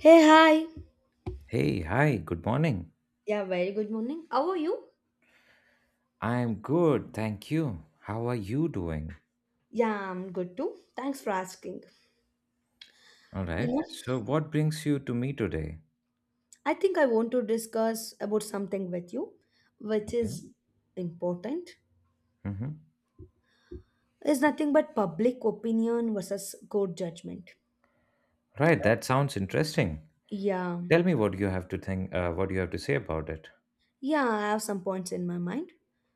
Hey, hi. Hey, hi, good morning. Yeah, very good morning. How are you? I'm good, thank you. How are you doing? Yeah, I'm good too. Thanks for asking. All You right. know, So, what brings you to me today? I think I want to discuss about something with you, which Okay. is important. Mm-hmm. It's nothing but public opinion versus court judgment. Right, that sounds interesting. Yeah, Tell me what you have to think, what you have to say about it. yeah, I have some points in my mind.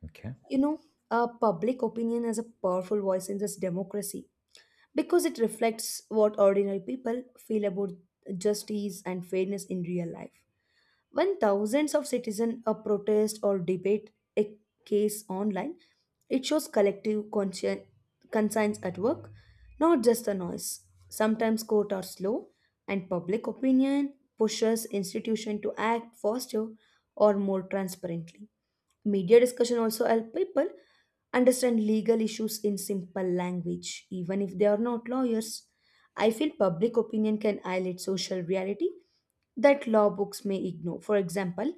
Okay. You know, Public opinion has a powerful voice in this democracy because it reflects what ordinary people feel about justice and fairness in real life. When thousands of citizens protest or debate a case online, it shows conscience at work, not just the noise. Sometimes courts are slow, and public opinion pushes institutions to act faster or more transparently. Media discussion also help people understand legal issues in simple language, even if they are not lawyers. I feel public opinion can highlight social reality that law books may ignore. For example,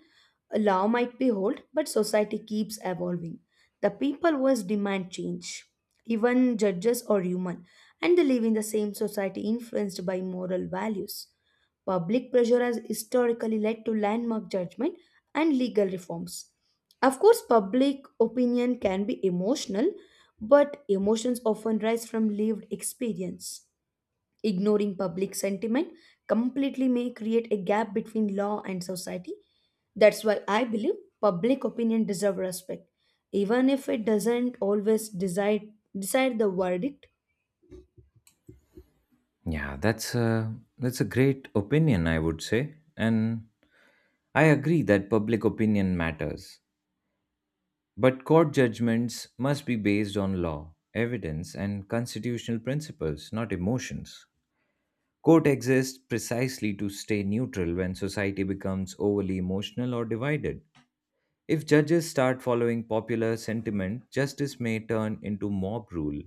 a law might be old, but society keeps evolving. The people always demand change. Even judges are human, and they live in the same society influenced by moral values. Public pressure has historically led to landmark judgment and legal reforms. Of course, public opinion can be emotional, but emotions often rise from lived experience. Ignoring public sentiment completely may create a gap between law and society. That's why I believe public opinion deserves respect, even if it doesn't always decide, decide the verdict. Yeah, that's a great opinion, I would say, and I agree that public opinion matters. But court judgments must be based on law, evidence, and constitutional principles, not emotions. Court exists precisely to stay neutral when society becomes overly emotional or divided. If judges start following popular sentiment, justice may turn into mob rule.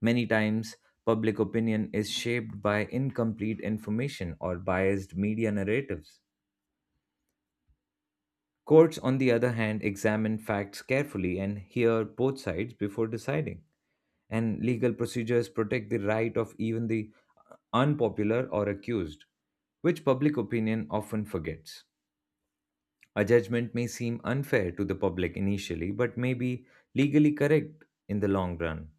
Many times, public opinion is shaped by incomplete information or biased media narratives. Courts, on the other hand, examine facts carefully and hear both sides before deciding. And legal procedures protect the right of even the unpopular, or accused, which public opinion often forgets. A judgment may seem unfair to the public initially, but may be legally correct in the long run.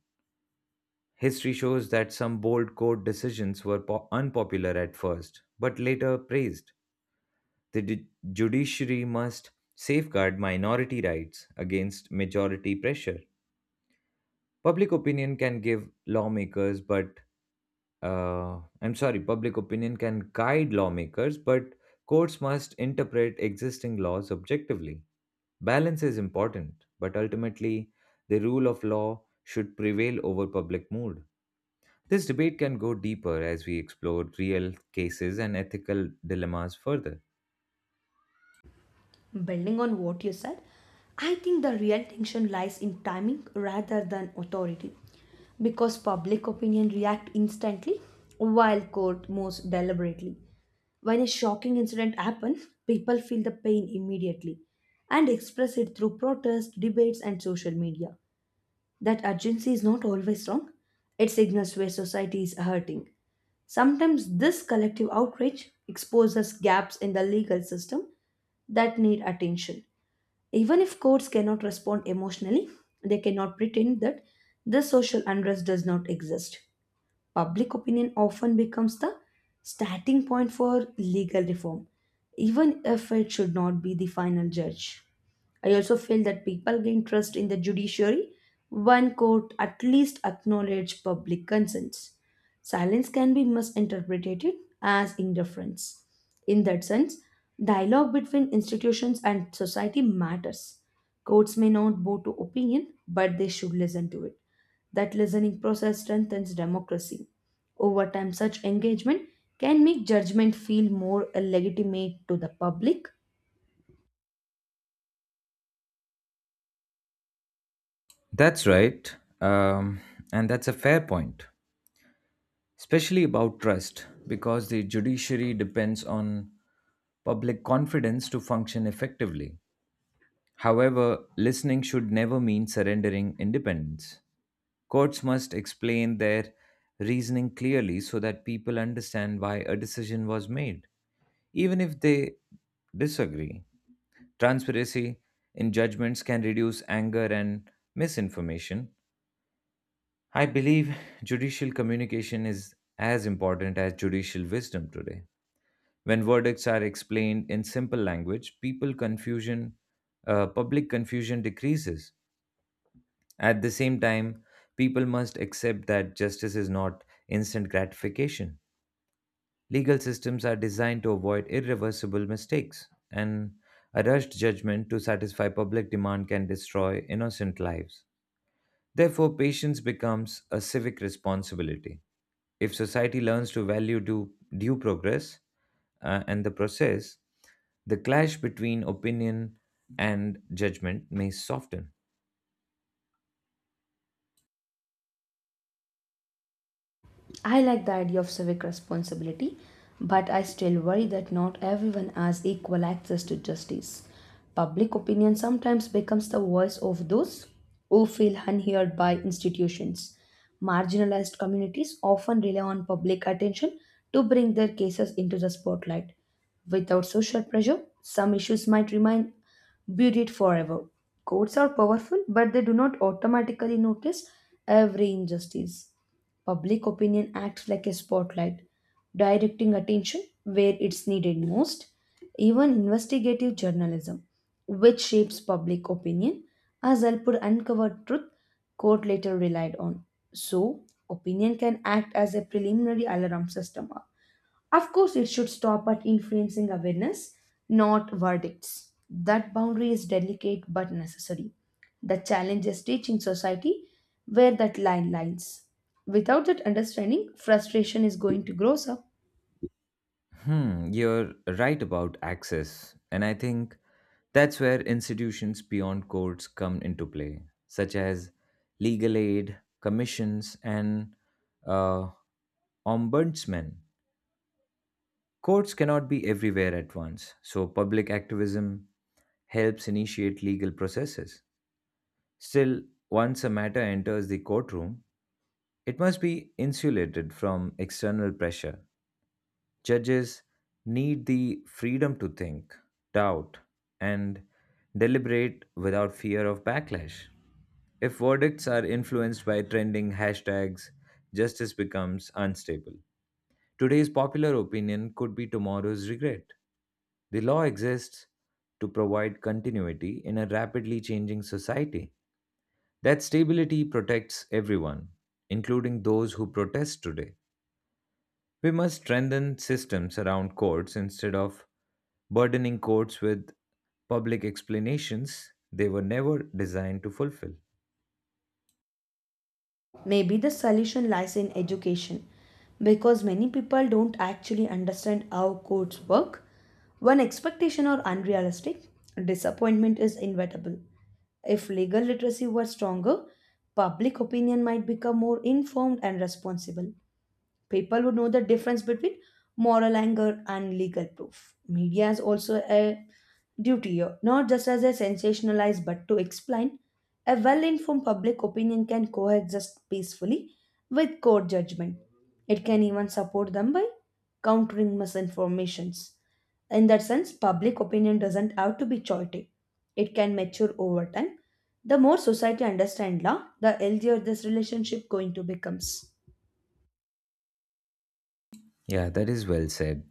History shows that some bold court decisions were unpopular at first, but later praised. The judiciary must safeguard minority rights against majority pressure. Public opinion can give lawmakers but I'm sorry, Public opinion can guide lawmakers, but courts must interpret existing laws objectively. Balance is important, but ultimately, the rule of law should prevail over public mood. This debate can go deeper as we explore real cases and ethical dilemmas further. Building on what you said, I think the real tension lies in timing rather than authority. Because public opinion reacts instantly while court moves deliberately. When a shocking incident happens, people feel the pain immediately and express it through protests, debates, and social media. That urgency is not always wrong, it signals where society is hurting. Sometimes this collective outrage exposes gaps in the legal system that need attention. Even if courts cannot respond emotionally, they cannot pretend that this social unrest does not exist. Public opinion often becomes the starting point for legal reform, even if it should not be the final judge. I also feel that people gain trust in the judiciary when court at least acknowledge public concerns. Silence can be misinterpreted as indifference. In that sense, dialogue between institutions and society matters. Courts may not bow to opinion, but they should listen to it. That listening process strengthens democracy. Over time, such engagement can make judgment feel more legitimate to the public. That's right, um, and that's a fair point, especially about trust, because the judiciary depends on public confidence to function effectively. However, listening should never mean surrendering independence. Courts must explain their reasoning clearly so that people understand why a decision was made, even if they disagree. Transparency in judgments can reduce anger and misinformation. I believe judicial communication is as important as judicial wisdom today. When verdicts are explained in simple language, public confusion decreases. At the same time, people must accept that justice is not instant gratification. Legal systems are designed to avoid irreversible mistakes, and a rushed judgment to satisfy public demand can destroy innocent lives. Therefore, patience becomes a civic responsibility. If society learns to value due, due progress and the process, the clash between opinion and judgment may soften. I like the idea of civic responsibility, but I still worry that not everyone has equal access to justice. Public opinion sometimes becomes the voice of those who feel unheard by institutions. Marginalized communities often rely on public attention to bring their cases into the spotlight. Without social pressure, some issues might remain buried forever. Courts are powerful, but they do not automatically notice every injustice. Public opinion acts like a spotlight, directing attention where it's needed most. Even investigative journalism, which shapes public opinion, has helped uncover truth court later relied on. So, opinion can act as a preliminary alarm system. Of course, it should stop at influencing awareness, not verdicts. That boundary is delicate but necessary. The challenge is teaching society where that line lies. Without that understanding, frustration is going to grow up. Hmm, you're right about access, and I think that's where institutions beyond courts come into play, such as legal aid, commissions, and uh, ombudsmen. Courts cannot be everywhere at once, so public activism helps initiate legal processes. Still, once a matter enters the courtroom, it must be insulated from external pressure. Judges need the freedom to think, doubt, and deliberate without fear of backlash. If verdicts are influenced by trending hashtags, justice becomes unstable. Today's popular opinion could be tomorrow's regret. The law exists to provide continuity in a rapidly changing society. That stability protects everyone, including those who protest today. We must strengthen systems around courts instead of burdening courts with public explanations they were never designed to fulfill. Maybe the solution lies in education because many people don't actually understand how codes work. When expectations are unrealistic, disappointment is inevitable. If legal literacy were stronger, public opinion might become more informed and responsible. People would know the difference between moral anger and legal proof. Media is also a duty, not just as a sensationalized but to explain. A well informed public opinion can coexist peacefully with court judgment. It can even support them by countering misinformations. In that sense, public opinion doesn't have to be chaotic. It can mature over time. The more society understands law, the healthier this relationship going to becomes. Yeah, that is well said.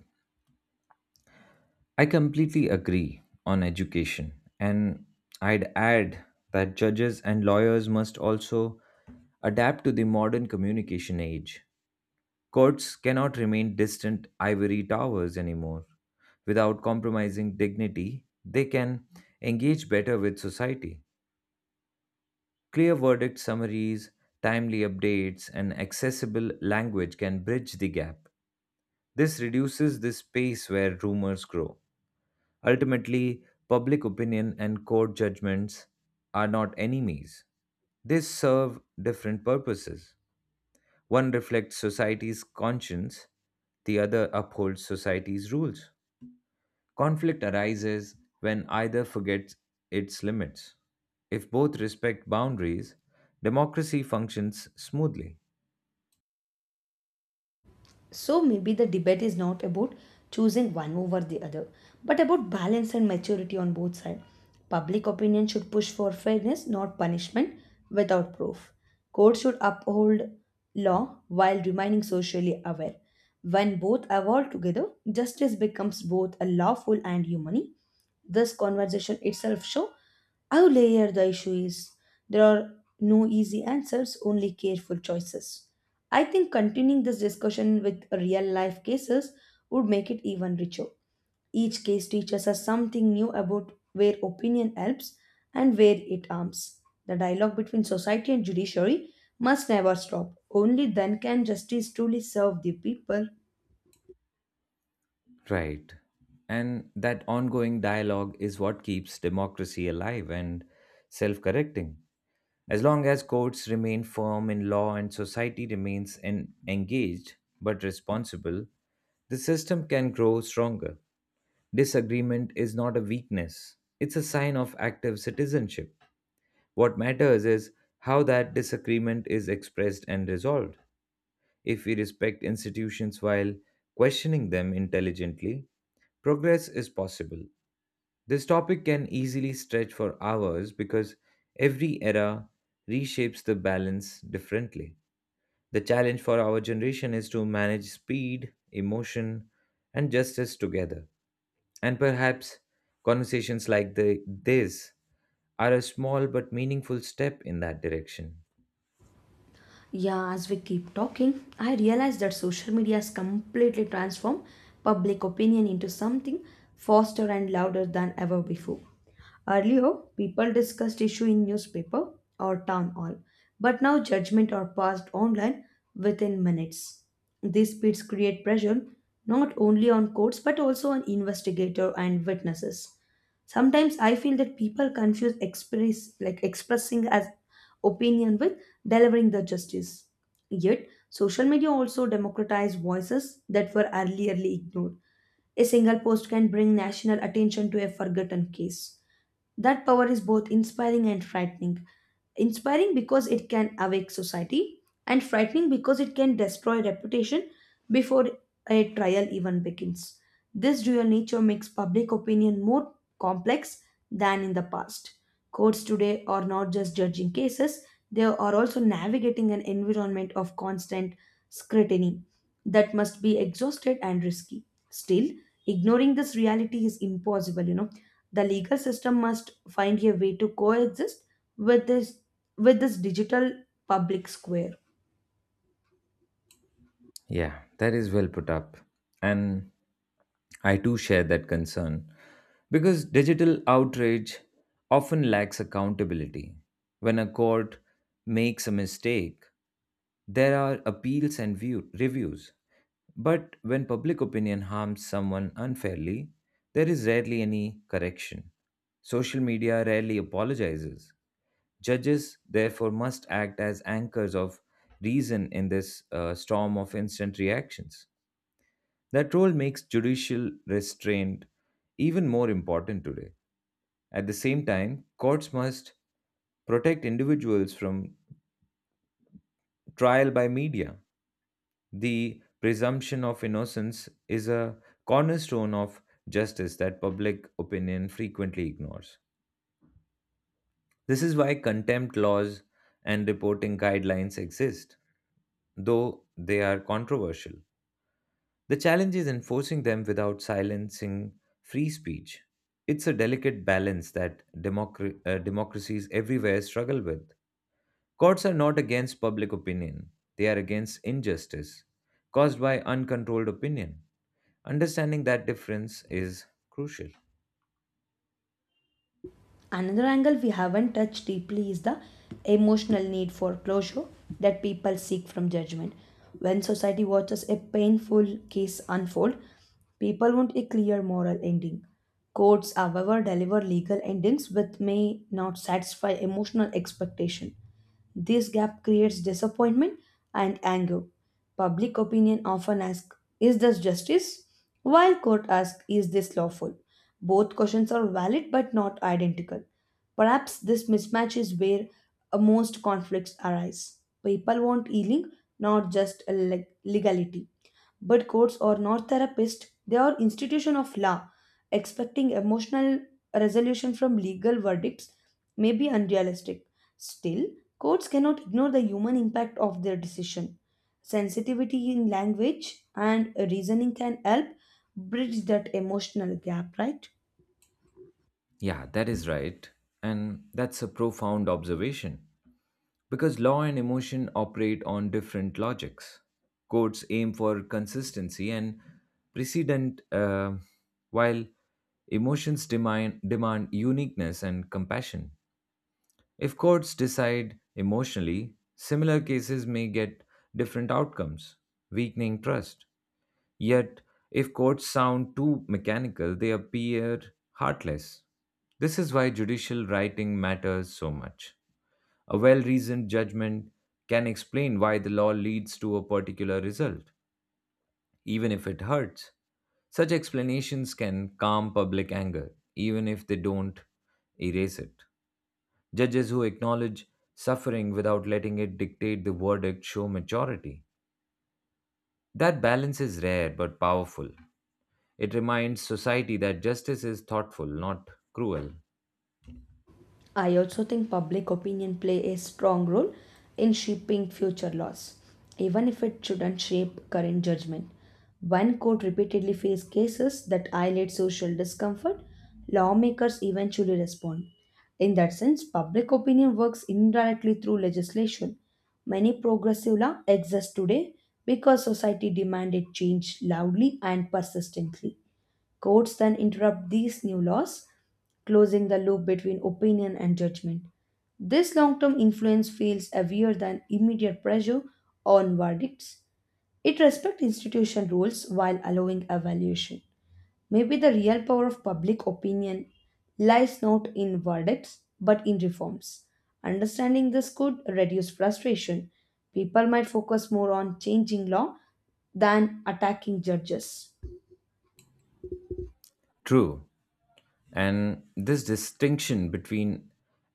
I completely agree on education. And I'd add that judges and lawyers must also adapt to the modern communication age. Courts cannot remain distant ivory towers anymore. Without compromising dignity, they can engage better with society. Clear verdict summaries, timely updates, and accessible language can bridge the gap. This reduces the space where rumors grow. Ultimately, public opinion and court judgments are not enemies. They serve different purposes. One reflects society's conscience, the other upholds society's rules. Conflict arises when either forgets its limits. If both respect boundaries, democracy functions smoothly. So maybe the debate is not about choosing one over the other, but about balance and maturity on both sides. Public opinion should push for fairness, not punishment without proof. Courts should uphold law while remaining socially aware. When both evolve together, justice becomes both a lawful and humane. This conversation itself shows how layered the issue is. There are no easy answers, only careful choices. I think continuing this discussion with real life cases would make it even richer. Each case teaches us something new about where opinion helps and where it harms. The dialogue between society and judiciary must never stop. Only then can justice truly serve the people. Right. And that ongoing dialogue is what keeps democracy alive and self correcting. As long as courts remain firm in law and society remains engaged but responsible, the system can grow stronger. Disagreement is not a weakness, it's a sign of active citizenship. What matters is how that disagreement is expressed and resolved. If we respect institutions while questioning them intelligently, progress is possible. This topic can easily stretch for hours because every era reshapes the balance differently. The challenge for our generation is to manage speed, emotion, and justice together. And perhaps conversations like this are a small but meaningful step in that direction. Yeah, as we keep talking, I realize that social media has completely transformed public opinion into something faster and louder than ever before. Earlier, people discussed issue in newspaper or town hall, but now judgment are passed online within minutes. These speeds create pressure not only on courts but also on investigator and witnesses. Sometimes I feel that people confuse express like expressing as opinion with delivering the justice. Yet, social media also democratized voices that were earlierly ignored. A single post can bring national attention to a forgotten case. That power is both inspiring and frightening. Inspiring because it can awake society, and frightening because it can destroy reputation before a trial even begins. This dual nature makes public opinion more complex than in the past. Courts today are not just judging cases, they are also navigating an environment of constant scrutiny that must be exhausted and risky. Still, ignoring this reality is impossible, the legal system must find a way to coexist with this with this digital public square. Yeah, that is well put up. And I too share that concern because digital outrage often lacks accountability. When a court makes a mistake, there are appeals and reviews. But when public opinion harms someone unfairly, there is rarely any correction. Social media rarely apologizes. Judges, therefore, must act as anchors of reason in this storm of instant reactions. That role makes judicial restraint even more important today. At the same time, courts must protect individuals from trial by media. The presumption of innocence is a cornerstone of justice that public opinion frequently ignores. This is why contempt laws and reporting guidelines exist, though they are controversial. The challenge is enforcing them without silencing free speech. It's a delicate balance that democracies everywhere struggle with. Courts are not against public opinion, they are against injustice caused by uncontrolled opinion. Understanding that difference is crucial. Another angle we haven't touched deeply is the emotional need for closure that people seek from judgment. When society watches a painful case unfold, people want a clear moral ending. Courts, however, deliver legal endings which may not satisfy emotional expectation. This gap creates disappointment and anger. Public opinion often asks, Is this justice? While court asks, Is this lawful? Both questions are valid but not identical. Perhaps this mismatch is where most conflicts arise. People want healing, not just a legality. But courts are not therapists, they are institution of law. Expecting emotional resolution from legal verdicts may be unrealistic. Still, courts cannot ignore the human impact of their decision. Sensitivity in language and reasoning can help bridge that emotional gap, right? Yeah, that is right. And that's a profound observation. Because law and emotion operate on different logics. Courts aim for consistency and precedent, while emotions demand uniqueness and compassion. If courts decide emotionally, similar cases may get different outcomes, weakening trust. Yet, if courts sound too mechanical, they appear heartless. This is why judicial writing matters so much. A well reasoned judgment can explain why the law leads to a particular result, even if it hurts. Such explanations can calm public anger, even if they don't erase it. Judges who acknowledge suffering without letting it dictate the verdict show maturity. That balance is rare but powerful. It reminds society that justice is thoughtful, not cruel. I also think public opinion play a strong role in shaping future laws, even if it shouldn't shape current judgment. When court repeatedly face cases that highlight social discomfort, lawmakers eventually respond. In that sense, public opinion works indirectly through legislation. Many progressive laws exist today because society demanded change loudly and persistently. Courts then interrupt these new laws, closing the loop between opinion and judgment. This long term influence feels heavier than immediate pressure on verdicts. It respects institution rules while allowing evaluation. Maybe the real power of public opinion lies not in verdicts but in reforms. Understanding this could reduce frustration. People might focus more on changing law than attacking judges. True, and this distinction between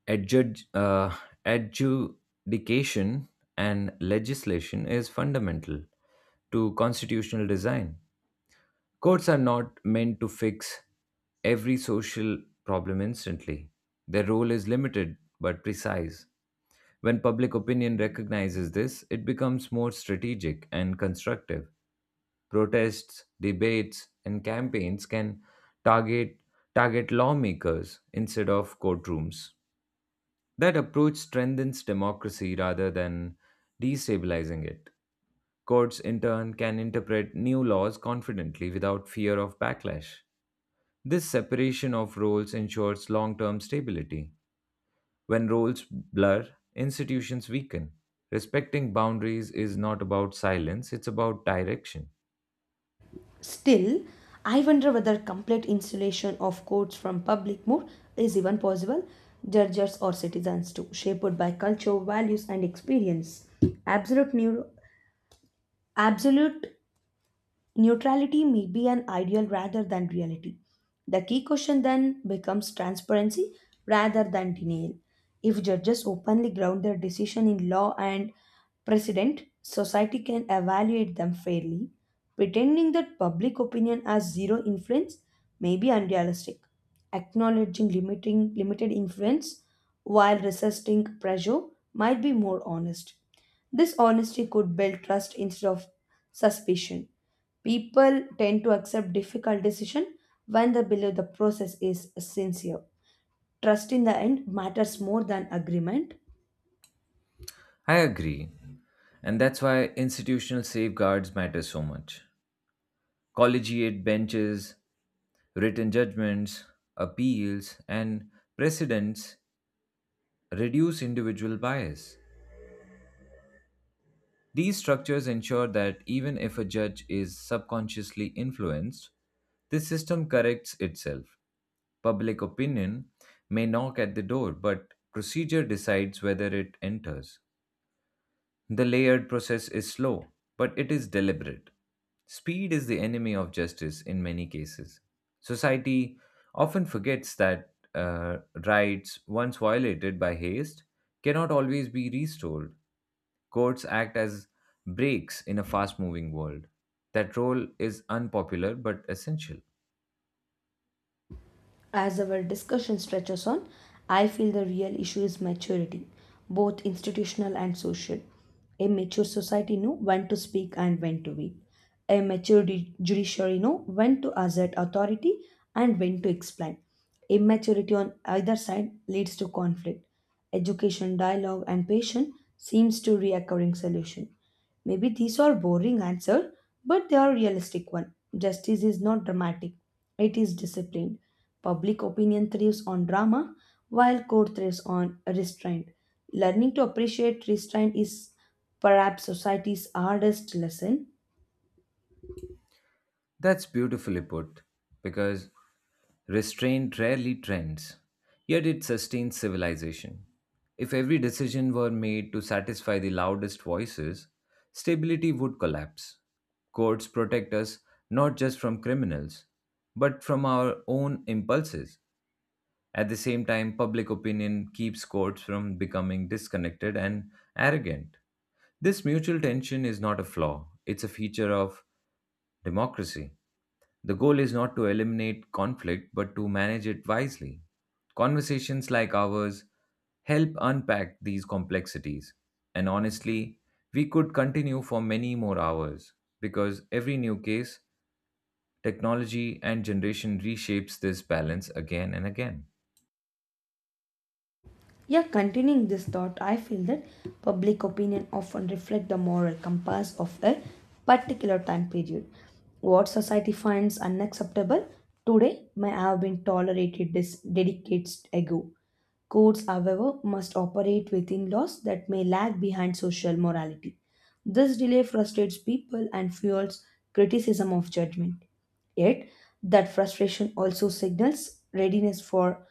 adjud- uh, adjudication and legislation is fundamental to constitutional design. Courts are not meant to fix every social problem instantly. Their role is limited but precise. When public opinion recognizes this, it becomes more strategic and constructive. Protests, debates, and campaigns can target target lawmakers instead of courtrooms. That approach strengthens democracy rather than destabilizing it. Courts, in turn, can interpret new laws confidently without fear of backlash. This separation of roles ensures long term stability. When roles blur, institutions weaken. Respecting boundaries is not about silence, it's about direction. Still, I wonder whether complete insulation of courts from public mood is even possible. Judges or citizens too, shaped by culture, values, and experience. Absolute, neuro- absolute Neutrality may be an ideal rather than reality. The key question then becomes transparency rather than denial. If judges openly ground their decision in law and precedent, society can evaluate them fairly. Pretending that public opinion has zero influence may be unrealistic. Acknowledging limiting limited influence while resisting pressure might be more honest. This honesty could build trust instead of suspicion. People tend to accept difficult decisions when they believe the process is sincere. Trust in the end matters more than agreement. I agree, and that's why institutional safeguards matter so much. Collegiate benches, written judgments, appeals, and precedents reduce individual bias. These structures ensure that even if a judge is subconsciously influenced, the system corrects itself. Public opinion may knock at the door, but procedure decides whether it enters. The layered process is slow, but it is deliberate. Speed is the enemy of justice in many cases. Society often forgets that rights, once violated by haste, cannot always be restored. Courts act as brakes in a fast moving world. That role is unpopular but essential. As our discussion stretches on, I feel the real issue is maturity, both institutional and social. A mature society know when to speak and when to be. A mature judiciary know when to assert authority and when to explain. Immaturity on either side leads to conflict. Education, dialogue, and patience seems to reoccurring solution. Maybe these are boring answer, but they are realistic one. Justice is not dramatic; it is disciplined. Public opinion thrives on drama, while court thrives on restraint. Learning to appreciate restraint is perhaps society's hardest lesson. That's beautifully put because restraint rarely trends, yet it sustains civilization. If every decision were made to satisfy the loudest voices, stability would collapse. Courts protect us not just from criminals, but from our own impulses. At the same time, public opinion keeps courts from becoming disconnected and arrogant. This mutual tension is not a flaw, it's a feature of democracy. The goal is not to eliminate conflict, but to manage it wisely. Conversations like ours help unpack these complexities. And honestly, we could continue for many more hours because every new case, technology, and generation reshapes this balance again and again. Yeah, continuing this thought, I feel that public opinion often reflect the moral compass of a particular time period. What society finds unacceptable today may have been tolerated this decades ago. Courts, however, must operate within laws that may lag behind social morality. This delay frustrates people and fuels criticism of judgment. Yet, that frustration also signals readiness for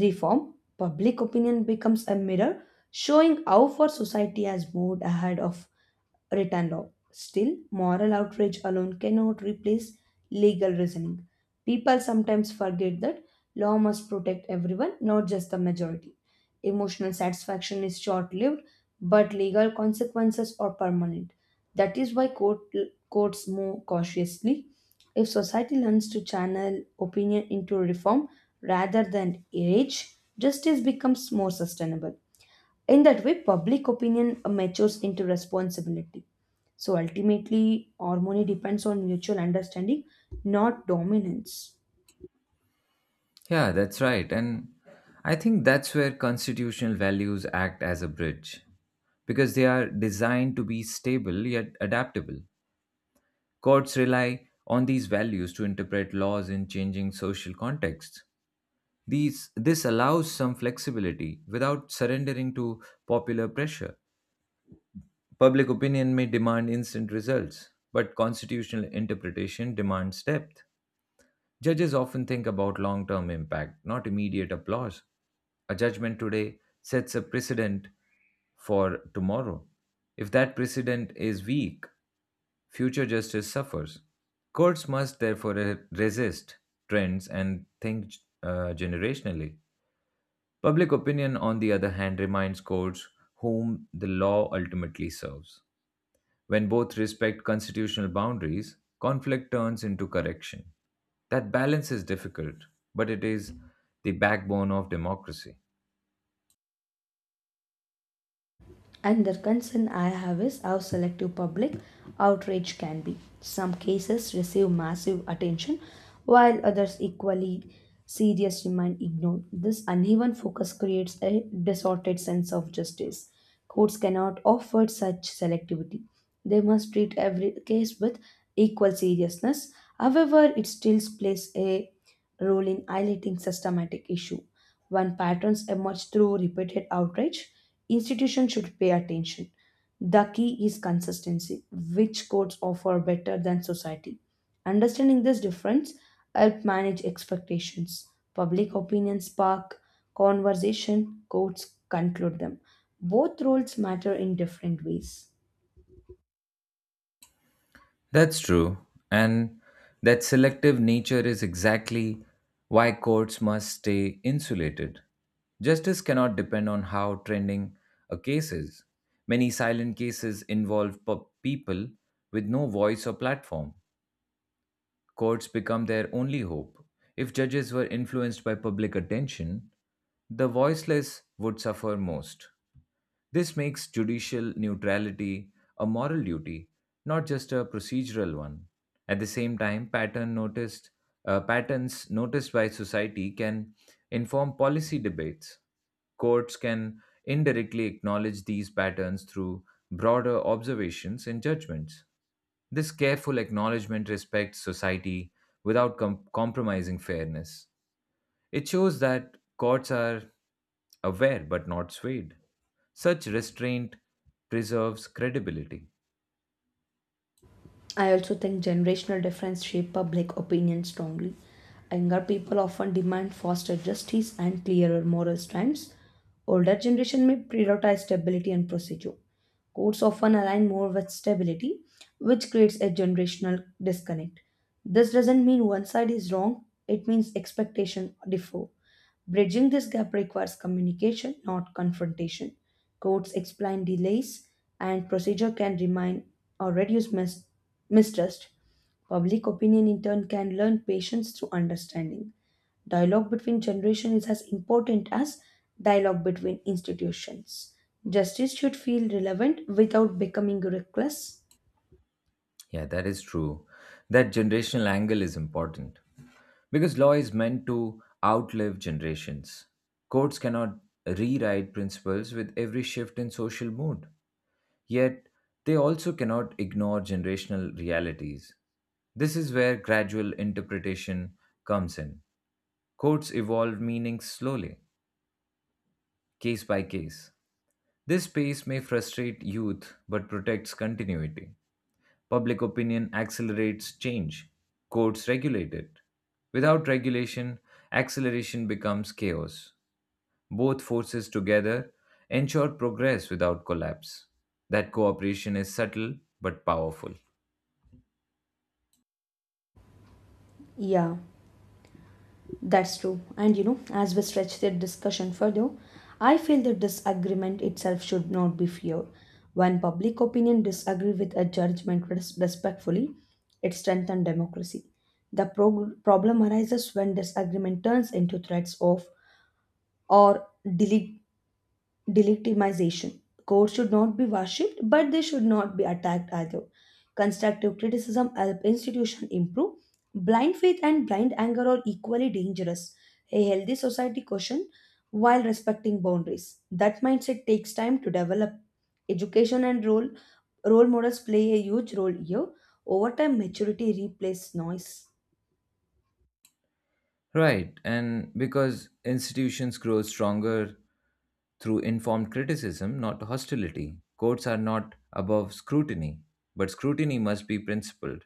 reform, public opinion becomes a mirror showing how far society has moved ahead of written law. Still, moral outrage alone cannot replace legal reasoning. People sometimes forget that law must protect everyone, not just the majority. Emotional satisfaction is short lived, but legal consequences are permanent. That is why courts move cautiously if society learns to channel opinion into reform rather than rage, justice becomes more sustainable. In that way, public opinion matures into responsibility. So ultimately, harmony depends on mutual understanding, not dominance. Yeah, that's right. And I think that's where constitutional values act as a bridge because they are designed to be stable yet adaptable. Courts rely on these values to interpret laws in changing social contexts. This allows some flexibility without surrendering to popular pressure. Public opinion may demand instant results, but constitutional interpretation demands depth. Judges often think about long term impact, not immediate applause. A judgment today sets a precedent for tomorrow. If that precedent is weak, future justice suffers. Courts must therefore resist trends and think generationally. Public opinion, on the other hand, reminds courts whom the law ultimately serves. When both respect constitutional boundaries, conflict turns into correction. That balance is difficult, but it is the backbone of democracy. And the concern I have is how selective public outrage can be. Some cases receive massive attention while others equally serious remain ignored. This uneven focus creates a distorted sense of justice. Courts cannot afford such selectivity. They must treat every case with equal seriousness. However, it still plays a role in highlighting systematic issue. When patterns emerge through repeated outrage, institutions should pay attention. The key is consistency, which courts offer better than society. Understanding this difference help manage expectations. Public opinion spark conversation, courts conclude them. Both roles matter in different ways. That's true. And that selective nature is exactly why courts must stay insulated. Justice cannot depend on how trending a case is. Many silent cases involve people with no voice or platform. Courts become their only hope. If judges were influenced by public attention, the voiceless would suffer most. This makes judicial neutrality a moral duty, not just a procedural one. At the same time, patterns noticed by society can inform policy debates. Courts can indirectly acknowledge these patterns through broader observations and judgments. This careful acknowledgement respects society without compromising fairness. It shows that courts are aware but not swayed. Such restraint preserves credibility. I also think generational difference shape public opinion strongly. Younger people often demand faster justice and clearer moral stands. Older generation may prioritize stability and procedure. Courts often align more with stability, which creates a generational disconnect. This doesn't mean one side is wrong, it means expectations differ. Bridging this gap requires communication, not confrontation. Courts explain delays, and procedure can remind or reduce mistrust. Public opinion, in turn, can learn patience through understanding. Dialogue between generations is as important as dialogue between institutions. Justice should feel relevant without becoming reckless. Yeah, that is true. That generational angle is important because law is meant to outlive generations. Courts cannot rewrite principles with every shift in social mood. Yet, they also cannot ignore generational realities. This is where gradual interpretation comes in. Courts evolve meanings slowly, case by case. This pace may frustrate youth but protects continuity. Public opinion accelerates change, courts regulate it. Without regulation, acceleration becomes chaos. Both forces together ensure progress without collapse. That cooperation is subtle but powerful. Yeah. That's true. And you know, as we stretch the discussion further, I feel that disagreement itself should not be feared. When public opinion disagree with a judgment respectfully, it strengthens democracy. The problem arises when disagreement turns into threats of or delete delegitimization. Courts should not be worshipped, but they should not be attacked either. Constructive criticism help institution improve. Blind faith and blind anger are equally dangerous. A healthy society caution while respecting boundaries. That mindset takes time to develop. Education and role models play a huge role here. Over time, maturity replaces noise. Right, and because institutions grow stronger through informed criticism, not hostility. Courts are not above scrutiny, but scrutiny must be principled.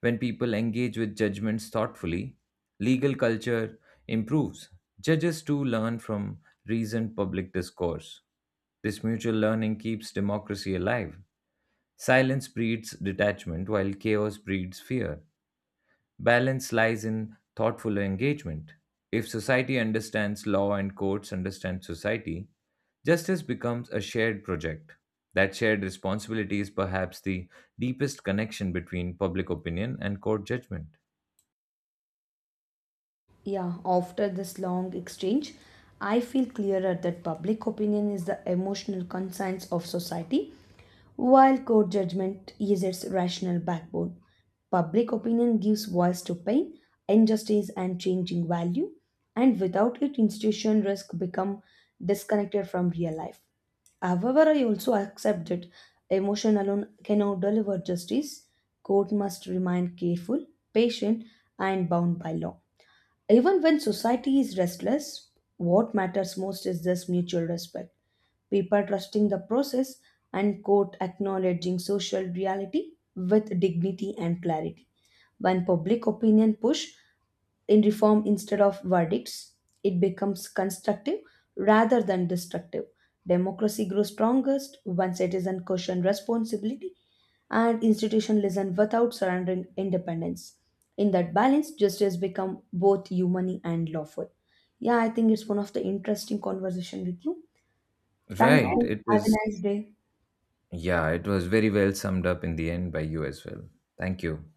When people engage with judgments thoughtfully, legal culture improves. Judges too learn from recent public discourse. This mutual learning keeps democracy alive. Silence breeds detachment, while chaos breeds fear. Balance lies in thoughtful engagement. If society understands law and courts understand society, justice becomes a shared project. That shared responsibility is perhaps the deepest connection between public opinion and court judgment. Yeah, after this long exchange, I feel clearer that public opinion is the emotional conscience of society, while court judgment is its rational backbone. Public opinion gives voice to pain, injustice, and changing value, and without it, institution risk become disconnected from real life. However, I also accept that emotion alone cannot deliver justice. Court must remain careful, patient, and bound by law. Even when society is restless, what matters most is this mutual respect. People trusting the process and court acknowledging social reality with dignity and clarity. When public opinion push in reform instead of verdicts. It becomes constructive rather than destructive. Democracy grows strongest when citizens question responsibility and institutions listen without surrendering independence. In that balance, justice becomes both human and lawful. Yeah, I think it's one of the interesting conversation with you. Thank Right, you. it Have a is. nice day. Yeah, it was very well summed up in the end by you as well. Thank you.